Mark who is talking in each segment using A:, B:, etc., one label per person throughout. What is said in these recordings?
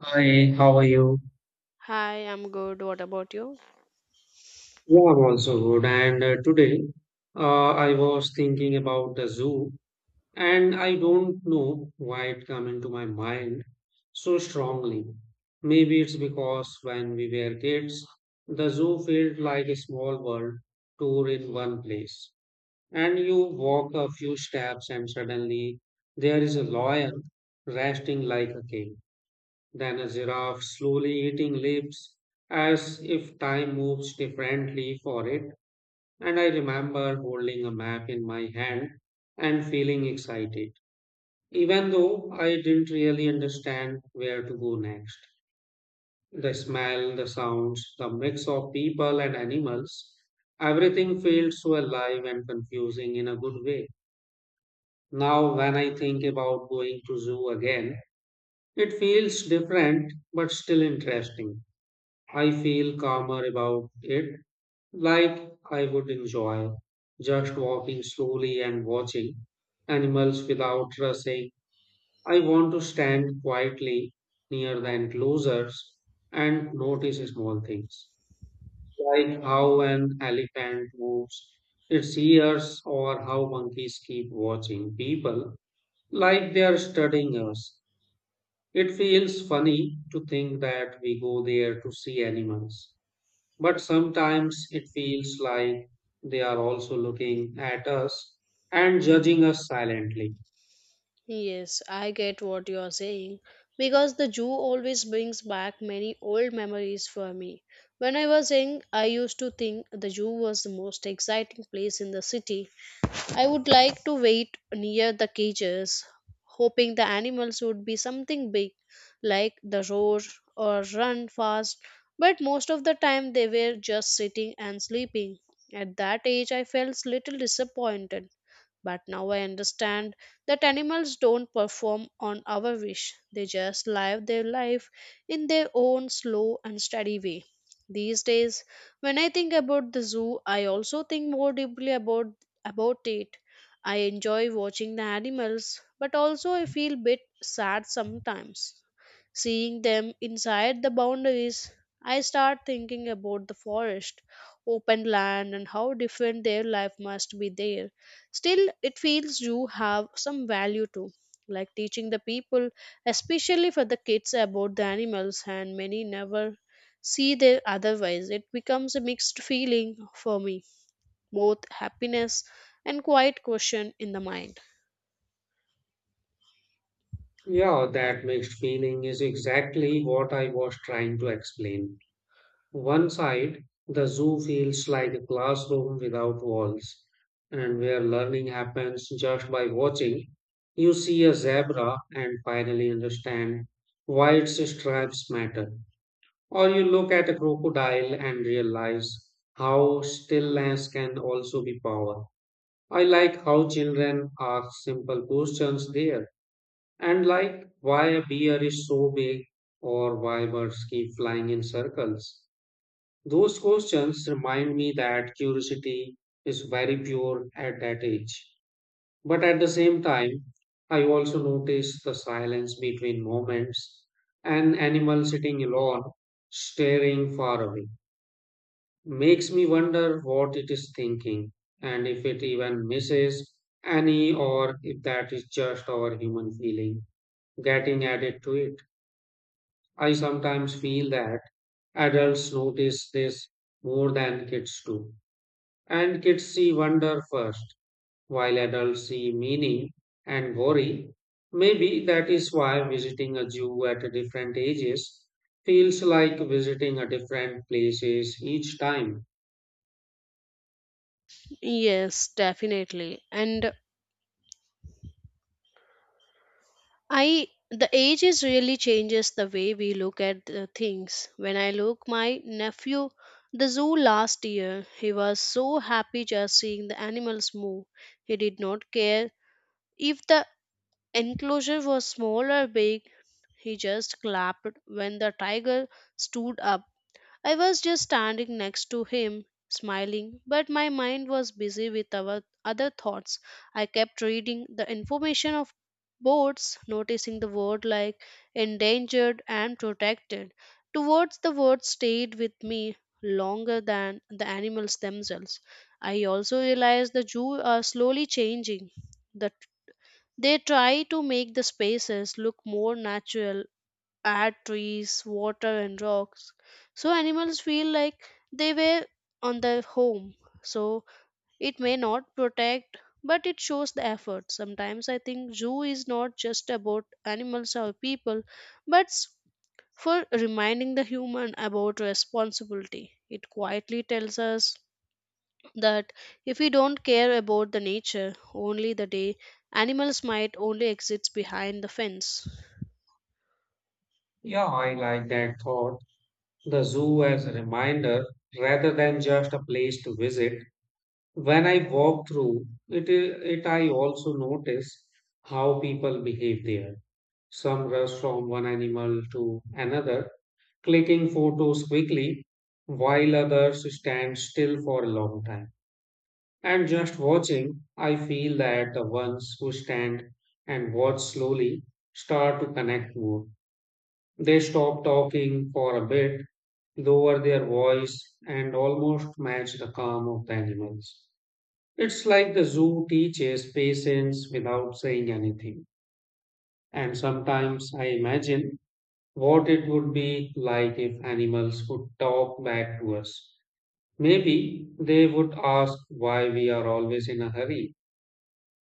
A: Hi, how are you?
B: Hi, I'm good. What about you?
A: Yeah, I'm also good. And today I was thinking about the zoo, and I don't know why it came into my mind so strongly. Maybe it's because when we were kids, the zoo felt like a small world tour in one place. And you walk a few steps, and suddenly there is a lion resting like a king. Then a giraffe slowly eating leaves as if time moves differently for it. And I remember holding a map in my hand and feeling excited, even though I didn't really understand where to go next. The smell, the sounds, the mix of people and animals, everything felt so alive and confusing in a good way. Now, when I think about going to zoo again, it feels different but still interesting. I feel calmer about it, like I would enjoy just walking slowly and watching animals without rushing. I want to stand quietly near the enclosures and notice small things, like how an elephant moves its ears or how monkeys keep watching people like they are studying us. It feels funny to think that we go there to see animals but sometimes it feels like they are also looking at us and judging us silently.
B: Yes, I get what you are saying because the zoo always brings back many old memories for me. When I was young, I used to think the zoo was the most exciting place in the city. I would like to wait near the cages, hoping the animals would be something big, like the roar or run fast, but most of the time they were just sitting and sleeping. At that age, I felt little disappointed. But now I understand that animals don't perform on our wish, they just live their life in their own slow and steady way. These days, when I think about the zoo, I also think more deeply about it. I enjoy watching the animals, but also I feel a bit sad sometimes seeing them inside the boundaries. I start thinking about the forest, open land, and how different their life must be there. Still, it feels you have some value too, like teaching the people, especially for the kids, about the animals, and many never see their otherwise. It becomes a mixed feeling for me, both happiness and quiet question in the mind.
A: Yeah, that mixed feeling is exactly what I was trying to explain. One side, the zoo feels like a classroom without walls, and where learning happens just by watching. You see a zebra and finally understand why its stripes matter. Or you look at a crocodile and realize how stillness can also be power. I like how children ask simple questions there, and like why a bear is so big or why birds keep flying in circles. Those questions remind me that curiosity is very pure at that age. But at the same time, I also notice the silence between moments, an animal sitting alone, staring far away makes me wonder what it is thinking and if it even misses any or if that is just our human feeling getting added to it. I sometimes feel that adults notice this more than kids do, and kids see wonder first, while adults see meaning and worry. Maybe that is why visiting a zoo at different ages feels like visiting a different places each time.
B: Yes, definitely. And I the age is really changes the way we look at the things. When I look my nephew the zoo last year, he was so happy just seeing the animals move. He did not care if the enclosure was small or big. He just clapped when the tiger stood up. I was just standing next to him, smiling, but my mind was busy with our other thoughts. I kept reading the information of boards, noticing the word like endangered and protected. Towards the word stayed with me longer than the animals themselves. I also realized the zoo are slowly changing. The, they try to make the spaces look more natural, add trees, water, and rocks, so animals feel like they were on their home. So it may not protect, but it shows the effort. Sometimes I think zoo is not just about animals or people, but for reminding the human about responsibility. It quietly tells us that if we don't care about the nature, only the day animals might only exist behind the fence.
A: Yeah, I like that thought. The zoo as a reminder rather than just a place to visit. When I walk through it, I also notice how people behave there. Some rush from one animal to another, clicking photos quickly, while others stand still for a long time. And just watching, I feel that the ones who stand and watch slowly start to connect more they stopped talking for a bit, lowered their voice, and almost matched the calm of the animals. It's like the zoo teaches patience without saying anything. And sometimes I imagine what it would be like if animals would talk back to us. Maybe they would ask why we are always in a hurry,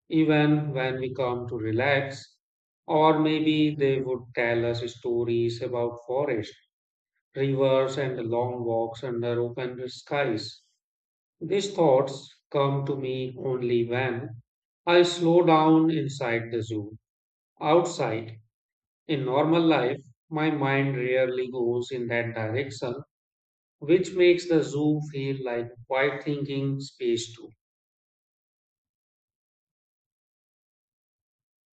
A: even when we come to relax. Or maybe they would tell us stories about forest rivers, and long walks under open skies. These thoughts come to me only when I slow down inside the zoo. Outside, in normal life, my mind rarely goes in that direction, which makes the zoo feel like quiet thinking space too.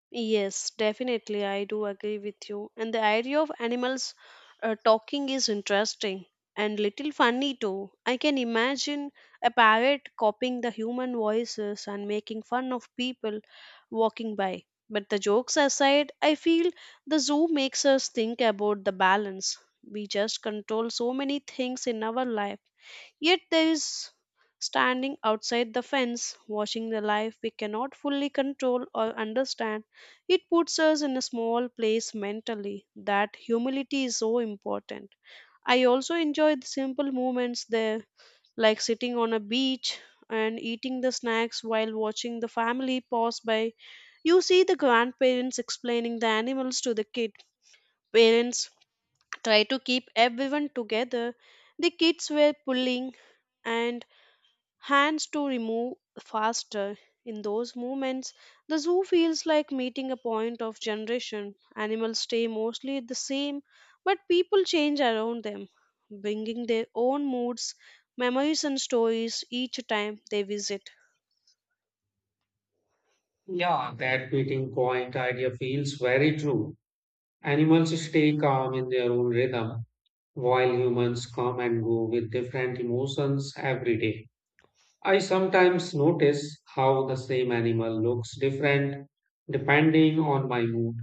B: Yes, definitely, I do agree with you. And the idea of animals talking is interesting and little funny too. I can imagine a parrot copying the human voices and making fun of people walking by. But the jokes aside, I feel the zoo makes us think about the balance. We just control so many things in our life. Yet there is standing outside the fence, watching the life we cannot fully control or understand. It puts us in a small place mentally. That humility is so important. I also enjoy the simple moments there, like sitting on a beach and eating the snacks while watching the family pass by. You see the grandparents explaining the animals to the kid. Parents try to keep everyone together. The kids were pulling and hands to remove faster. In those moments, the zoo feels like meeting a point of generation. Animals stay mostly the same, but people change around them, bringing their own moods, memories, and stories each time they visit.
A: Yeah, that meeting point idea feels very true. Animals stay calm in their own rhythm, while humans come and go with different emotions every day. I sometimes notice how the same animal looks different depending on my mood.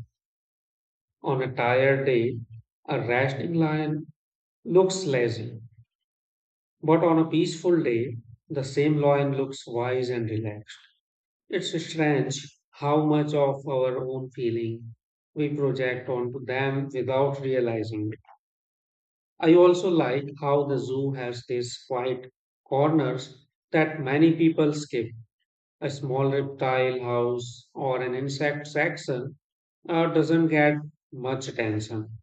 A: On a tired day, a resting lion looks lazy, but on a peaceful day, the same lion looks wise and relaxed. It's strange how much of our own feeling we project onto them without realizing it. I also like how the zoo has these quiet corners that many people skip a small reptile house or an insect section doesn't get much attention.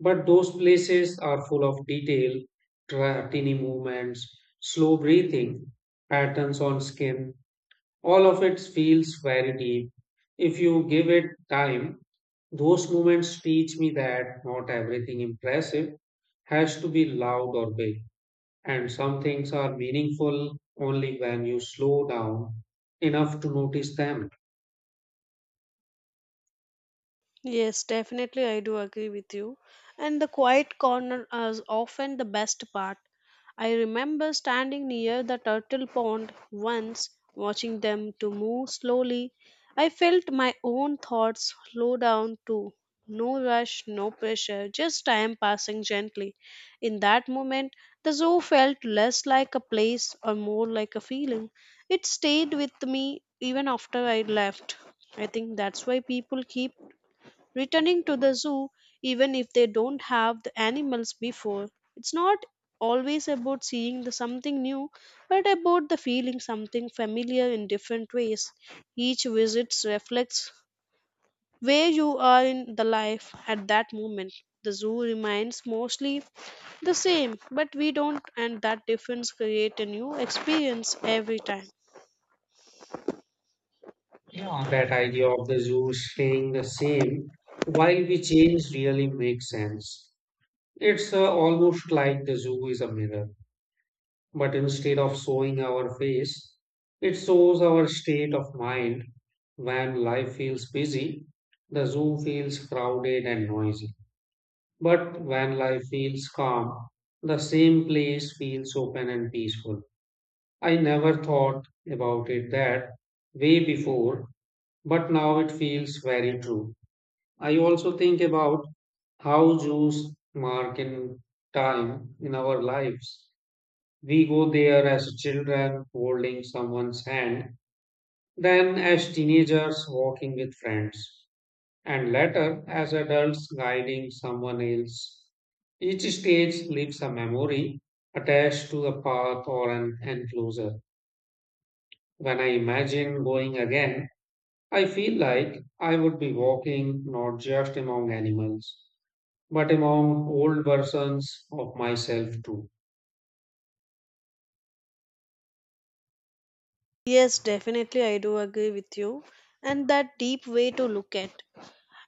A: But those places are full of detail, tiny movements, slow breathing, patterns on skin. All of it feels very deep. If you give it time, those moments teach me that not everything impressive has to be loud or big, and some things are meaningful only when you slow down enough to notice them.
B: Yes, definitely, I do agree with you. And the quiet corner is often the best part. I remember standing near the turtle pond once, watching them to move slowly. I felt my own thoughts slow down too. No rush, no pressure, just time passing gently. In that moment, the zoo felt less like a place or more like a feeling. It stayed with me even after I left. I think that's why people keep returning to the zoo even if they don't have the animals before. It's not always about seeing the something new, but about the feeling something familiar in different ways. Each visit reflects where you are in the life at that moment. The zoo remains mostly the same, but we don't, and that difference create a new experience every time.
A: That idea of the zoo staying the same while we change really makes sense. It's almost like the zoo is a mirror, but instead of showing our face, it shows our state of mind. When life feels busy, the zoo feels crowded and noisy. But when life feels calm, the same place feels open and peaceful. I never thought about it that way before, but now it feels very true. I also think about how Jews mark in time in our lives. We go there as children holding someone's hand, then as teenagers walking with friends, and later as adults guiding someone else. Each stage leaves a memory attached to a path or an enclosure. When I imagine going again, I feel like I would be walking not just among animals but among old versions of myself too.
B: Yes, definitely, I do agree with you, and that deep way to look at.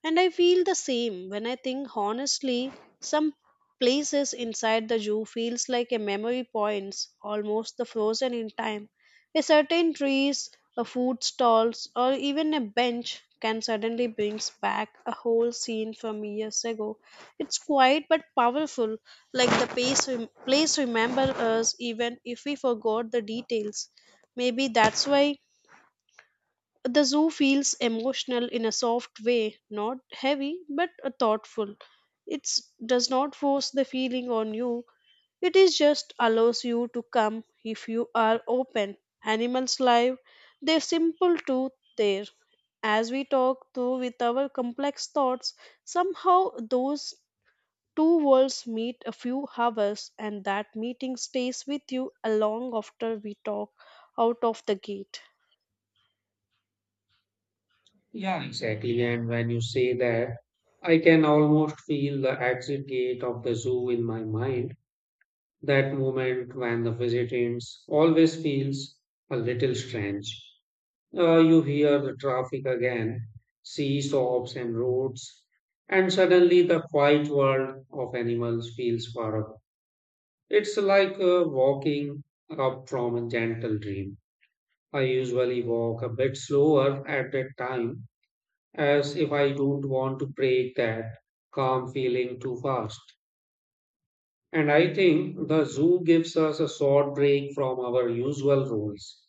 B: And I feel the same when I think honestly, some places inside the zoo feels like a memory points, almost the frozen in time. A certain trees, a food stalls, or even a bench can suddenly brings back a whole scene from years ago. It's quiet but powerful, like the place, place remember us even if we forgot the details. Maybe that's why the zoo feels emotional in a soft way, not heavy but a thoughtful. It does not force the feeling on you. It is just allows you to come if you are open. Animals live, they're simple too there. As we talk through with our complex thoughts, somehow those two worlds meet a few hours and that meeting stays with you along after we talk out of the gate.
A: Yeah, exactly. And when you say that, I can almost feel the exit gate of the zoo in my mind, that moment when the visitants always feels a little strange. You hear the traffic again, see stops and roads, and suddenly the quiet world of animals feels far up. It's like walking up from a gentle dream. I usually walk a bit slower at that time as if I don't want to break that calm feeling too fast. And I think the zoo gives us a short break from our usual roles.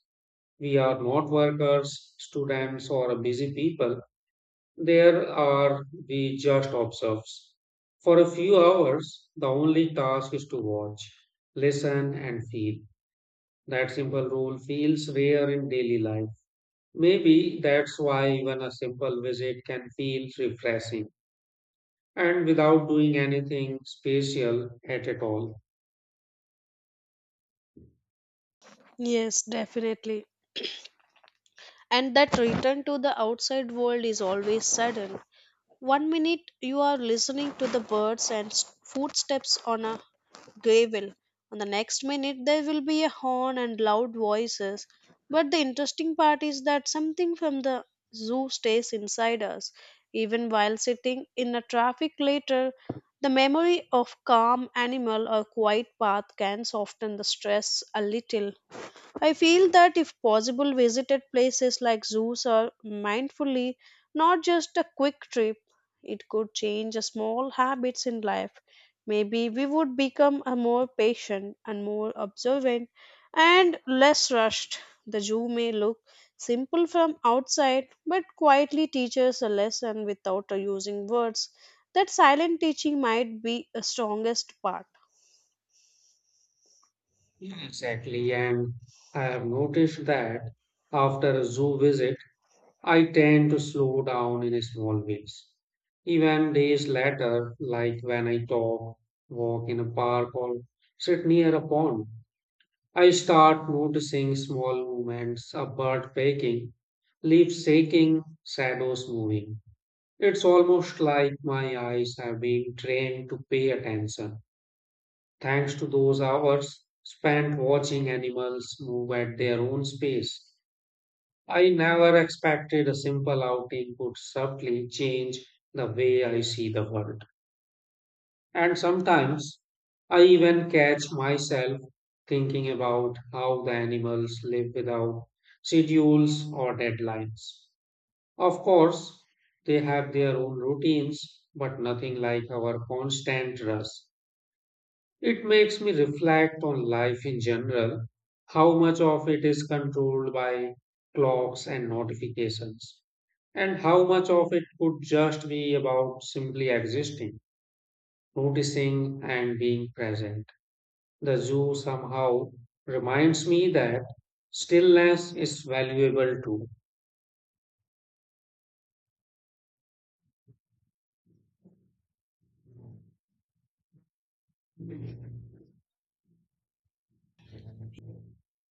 A: We are not workers, students, or busy people. There are we just observes. For a few hours, the only task is to watch, listen, and feel. That simple rule feels rare in daily life. Maybe that's why even a simple visit can feel refreshing and without doing anything special at all.
B: Yes, definitely. And that return to the outside world is always sudden. One minute you are listening to the birds and footsteps on a gravel, and the next minute there will be a horn and loud voices. But the interesting part is that something from the zoo stays inside us. Even while sitting in a traffic later, the memory of calm animal or quiet path can soften the stress a little. I feel that if possible, visited places like zoos are mindfully, not just a quick trip. It could change a small habits in life. Maybe we would become a more patient and more observant and less rushed. The zoo may look simple from outside, but quietly teaches a lesson without using words. That silent teaching might be a strongest part.
A: Yeah, exactly. And I have noticed that after a zoo visit, I tend to slow down in small ways. Even days later, like when I talk, walk in a park, or sit near a pond, I start noticing small movements, a bird pecking, leaves shaking, shadows moving. It's almost like my eyes have been trained to pay attention, thanks to those hours spent watching animals move at their own space. I never expected a simple outing could subtly change the way I see the world. And sometimes I even catch myself thinking about how the animals live without schedules or deadlines. Of course, they have their own routines, but nothing like our constant rush. It makes me reflect on life in general, how much of it is controlled by clocks and notifications, and how much of it could just be about simply existing, noticing, and being present. The zoo somehow reminds me that stillness is valuable too.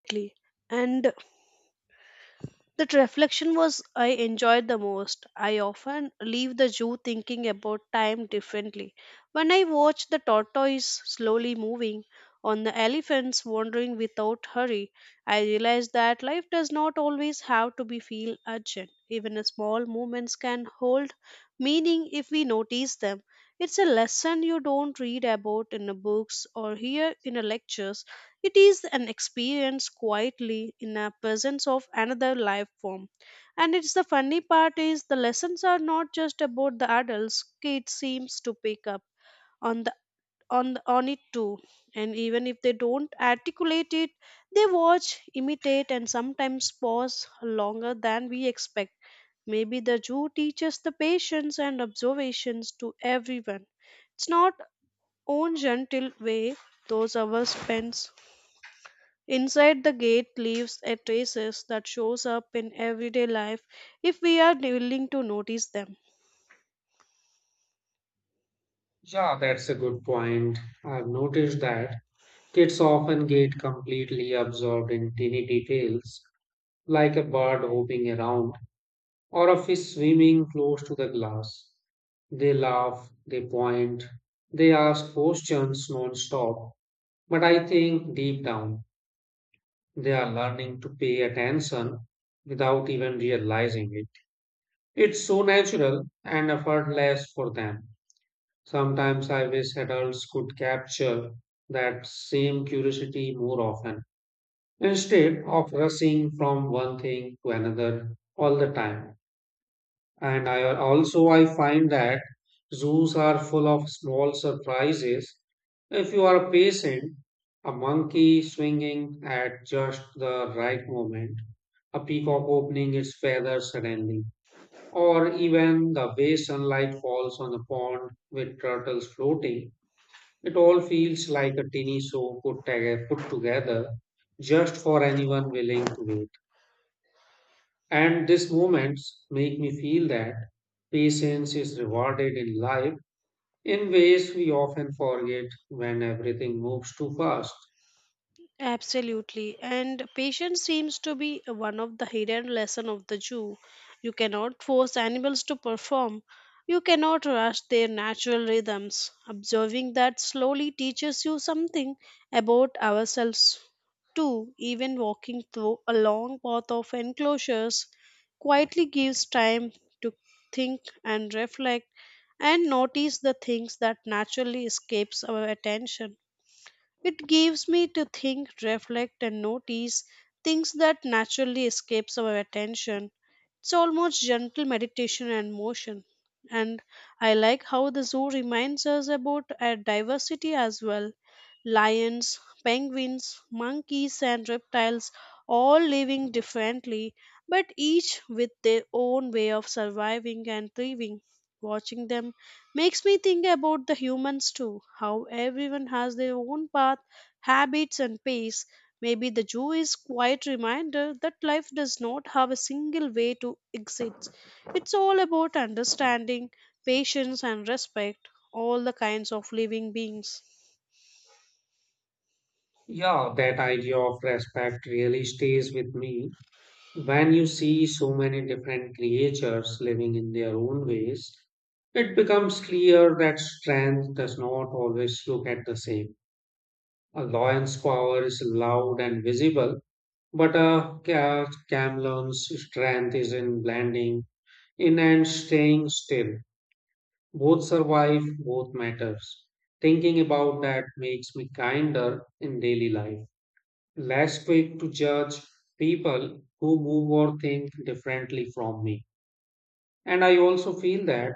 B: Exactly. And that reflection was I enjoyed the most. I often leave the zoo thinking about time differently. When I watch the tortoise slowly moving, on the elephants wandering without hurry, I realize that life does not always have to be feel urgent. Even a small movements can hold meaning if we notice them. It's a lesson you don't read about in the books or hear in the lectures, it is an experience quietly in a presence of another life form. And it's the funny part is the lessons are not just about the adults, kids seems to pick up on the on it too. And even if they don't articulate it, they watch, imitate and sometimes pause longer than we expect. Maybe the Jew teaches the patience and observations to everyone. It's not own gentle way those hours spends inside the gate leaves a traces that shows up in everyday life if we are willing to notice them.
A: Yeah, that's a good point. I've noticed that kids often get completely absorbed in tiny details, like a bird hopping around or a fish swimming close to the glass. They laugh, they point, they ask questions non-stop, but I think deep down they are learning to pay attention without even realizing it. It's so natural and effortless for them. Sometimes I wish adults could capture that same curiosity more often, instead of rushing from one thing to another all the time. And I also I find that zoos are full of small surprises. If you are patient, a monkey swinging at just the right moment, a peacock opening its feathers suddenly, or even the way sunlight falls on a pond with turtles floating, it all feels like a teeny show put together just for anyone willing to wait. And these moments make me feel that patience is rewarded in life in ways we often forget when everything moves too fast.
B: Absolutely. And patience seems to be one of the hidden lesson of the zoo. You cannot force animals to perform. You cannot rush their natural rhythms. Observing that slowly teaches you something about ourselves too. Even walking through a long path of enclosures quietly gives time to think and reflect and notice the things that naturally escapes our attention. It gives me to think, reflect, and notice things that naturally escapes our attention. It's almost gentle meditation and motion. And I like how the zoo reminds us about our diversity as well, lions, penguins, monkeys, and reptiles, all living differently, but each with their own way of surviving and thriving. Watching them makes me think about the humans too, how everyone has their own path, habits, and pace. Maybe the zoo is quite reminder that life does not have a single way to exit. It's all about understanding, patience, and respect all the kinds of living beings.
A: Yeah, that idea of respect really stays with me. When you see so many different creatures living in their own ways, it becomes clear that strength does not always look at the same. A lion's power is loud and visible, but a camel's strength is in blending in and staying still. Both survive, both matters. Thinking about that makes me kinder in daily life. Less quick to judge people who move or think differently from me. And I also feel that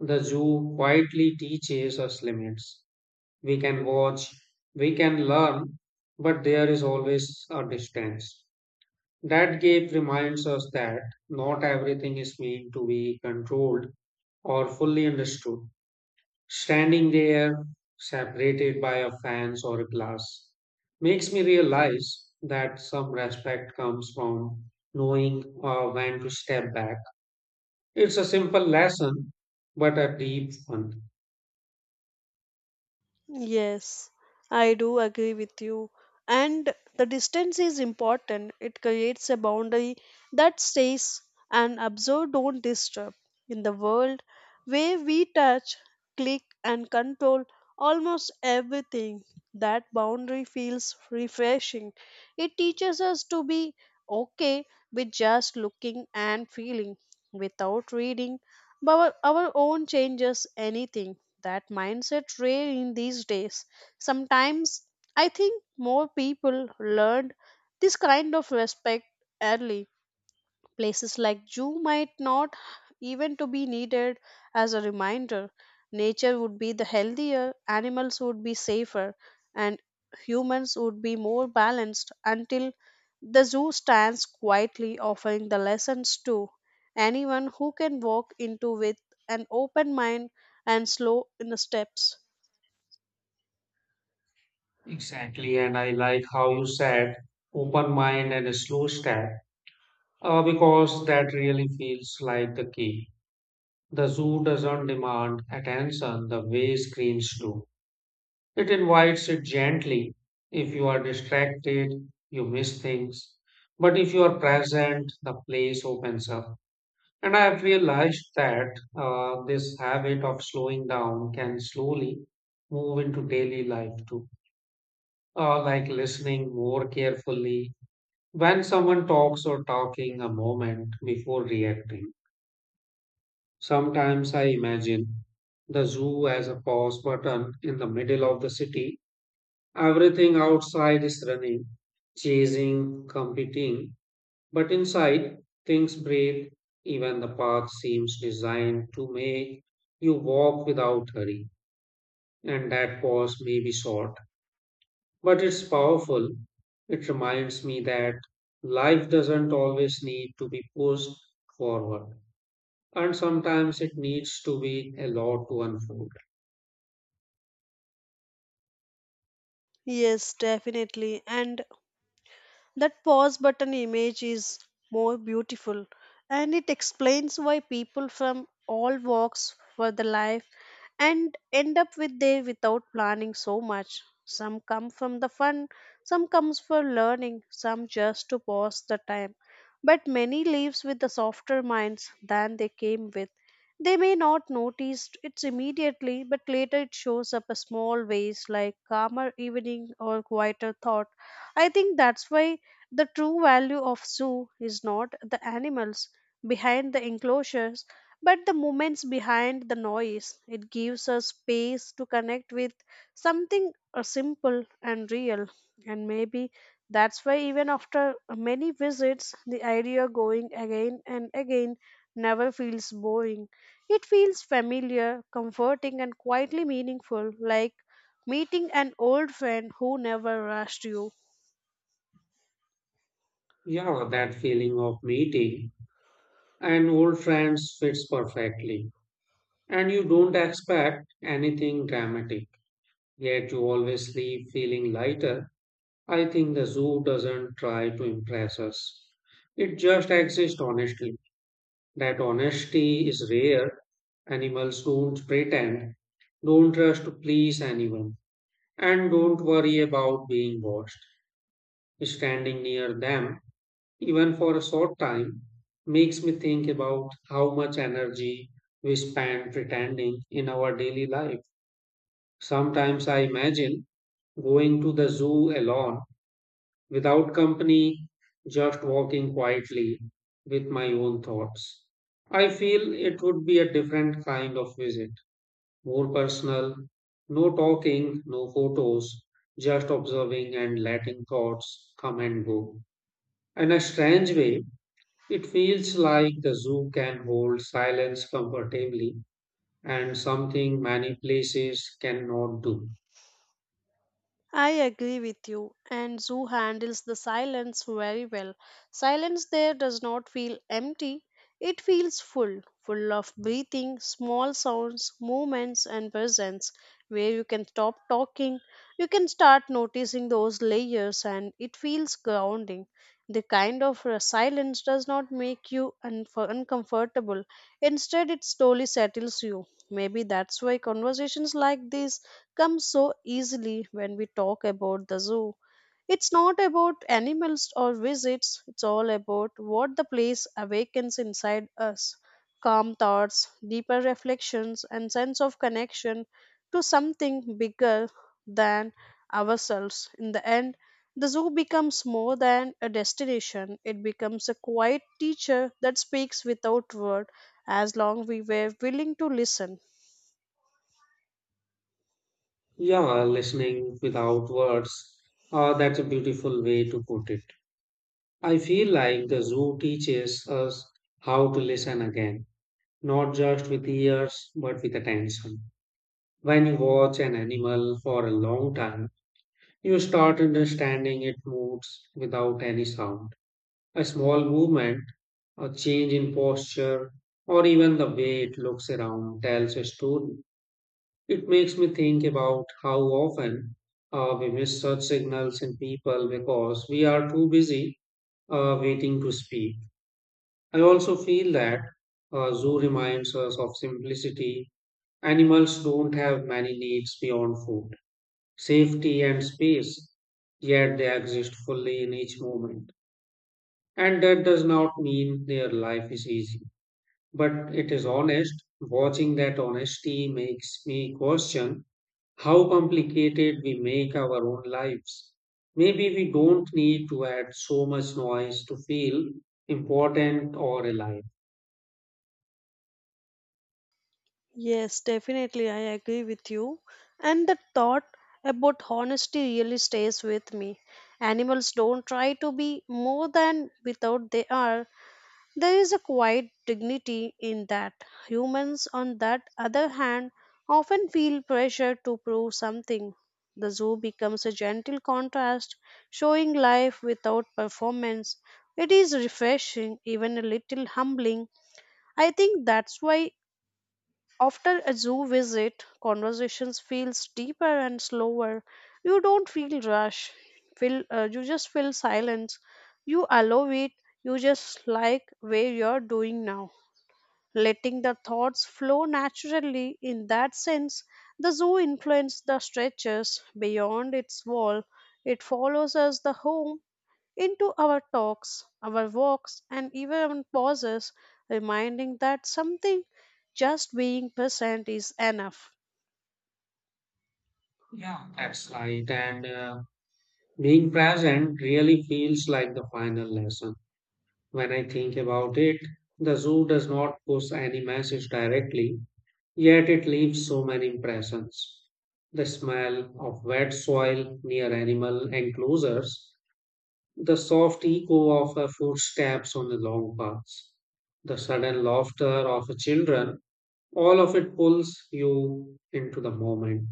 A: the zoo quietly teaches us limits. We can watch, we can learn, but there is always a distance. That gap reminds us that not everything is meant to be controlled or fully understood. Standing there, separated by a fence or a glass, makes me realize that some respect comes from knowing when to step back. It's a simple lesson, but a deep one.
B: Yes, I do agree with you. And the distance is important. It creates a boundary that stays and observe don't disturb. In the world where we touch, click, and control almost everything, that boundary feels refreshing. It teaches us to be okay with just looking and feeling without reading, but our own changes anything, that mindset rare in these days. Sometimes I think more people learned this kind of respect early. Places like zoo might not even to be needed as a reminder. Nature would be the healthier, animals would be safer, and humans would be more balanced until the zoo stands quietly offering the lessons to anyone who can walk into with an open mind and slow in the steps.
A: Exactly, and I like how you said open mind and a slow step, because that really feels like the key. The zoo doesn't demand attention the way screens do. It invites it gently. If you are distracted, you miss things. But if you are present, the place opens up. And I have realized that this habit of slowing down can slowly move into daily life too. Like listening more carefully. When someone talks or talking a moment before reacting, sometimes I imagine the zoo as a pause button in the middle of the city. Everything outside is running, chasing, competing, but inside things breathe. Even the path seems designed to make you walk without hurry. And that pause may be short, but it's powerful. It reminds me that life doesn't always need to be pushed forward, and sometimes it needs to be allowed to unfold.
B: Yes, definitely. And that pause button image is more beautiful and it explains why people from all walks for the life and end up with there without planning so much. Some come from the fun, some comes for learning, some just to pass the time. But many leaves with the softer minds than they came with. They may not notice it immediately, but later it shows up a small ways like calmer evening or quieter thought. I think that's why the true value of zoo is not the animals behind the enclosures, but the moments behind the noise. It gives us space to connect with something simple and real. And maybe that's why even after many visits, the idea going again and again never feels boring, it feels familiar, comforting, and quietly meaningful, like meeting an old friend who never rushed you.
A: Yeah, that feeling of meeting and old friends fits perfectly. And you don't expect anything dramatic, yet you always leave feeling lighter. I think the zoo doesn't try to impress us. It just exists honestly. That honesty is rare. Animals don't pretend, don't rush to please anyone, and don't worry about being watched. Standing near them, even for a short time, makes me think about how much energy we spend pretending in our daily life. Sometimes I imagine going to the zoo alone without company, just walking quietly with my own thoughts. I feel it would be a different kind of visit, more personal, no talking, no photos, just observing and letting thoughts come and go. In a strange way, it feels like the zoo can hold silence comfortably and something many places cannot do.
B: I agree with you, and Zoo handles the silence very well. Silence there does not feel empty, it feels full, full of breathing, small sounds, movements, and presence. Where you can stop talking, you can start noticing those layers, and it feels grounding. The kind of silence does not make you unf uncomfortable. Instead, it slowly settles you. Maybe that's why conversations like this come so easily when we talk about the zoo. It's not about animals or visits, it's all about what the place awakens inside us. Calm thoughts, deeper reflections, and sense of connection to something bigger than ourselves. In the end, the zoo becomes more than a destination, it becomes a quiet teacher that speaks without word as long we were willing to listen.
A: Yeah, listening without words. That's a beautiful way to put it. I feel like the zoo teaches us how to listen again, not just with ears, but with attention. When you watch an animal for a long time, you start understanding its moods without any sound. A small movement, a change in posture, or even the way it looks around tells a story. It makes me think about how often we miss such signals in people because we are too busy waiting to speak. I also feel that zoo reminds us of simplicity. Animals don't have many needs beyond food, safety, and space, yet they exist fully in each moment. And that does not mean their life is easy, but it is honest. Watching that honesty makes me question how complicated we make our own lives. Maybe we don't need to add so much noise to feel important or alive.
B: Yes, definitely, I agree with you. And the thought about honesty really stays with me. Animals don't try to be more than without they are, there is a quiet dignity in that. Humans, on that other hand, often feel pressure to prove something. The zoo becomes a gentle contrast, showing life without performance. It is refreshing, even a little humbling. I think that's why after a zoo visit, conversations feels deeper and slower. You don't feel rush. Feel you just feel silence. You allow it. You just like where you're doing now, letting the thoughts flow naturally. In that sense, the zoo influences the stretches beyond its wall. It follows us the home into our talks, our walks, and even pauses, reminding that something just being present is enough.
A: Yeah, that's right. And being present really feels like the final lesson. When I think about it, the zoo does not push any message directly, yet it leaves so many impressions. The smell of wet soil near animal enclosures. The soft echo of her footsteps on the long paths, the sudden laughter of her children, all of it pulls you into the moment.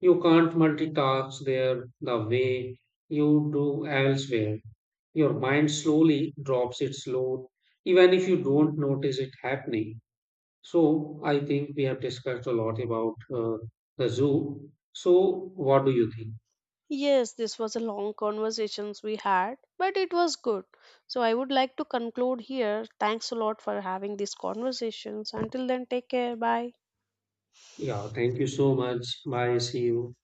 A: You can't multitask there the way you do elsewhere. Your mind slowly drops its load, even if you don't notice it happening. So, I think we have discussed a lot about the zoo. So, what do you think?
B: Yes, this was a long conversations we had, but it was good. So I would like to conclude here. Thanks a lot for having these conversations. Until then, take care. Bye.
A: Yeah, thank you so much. Bye. See you.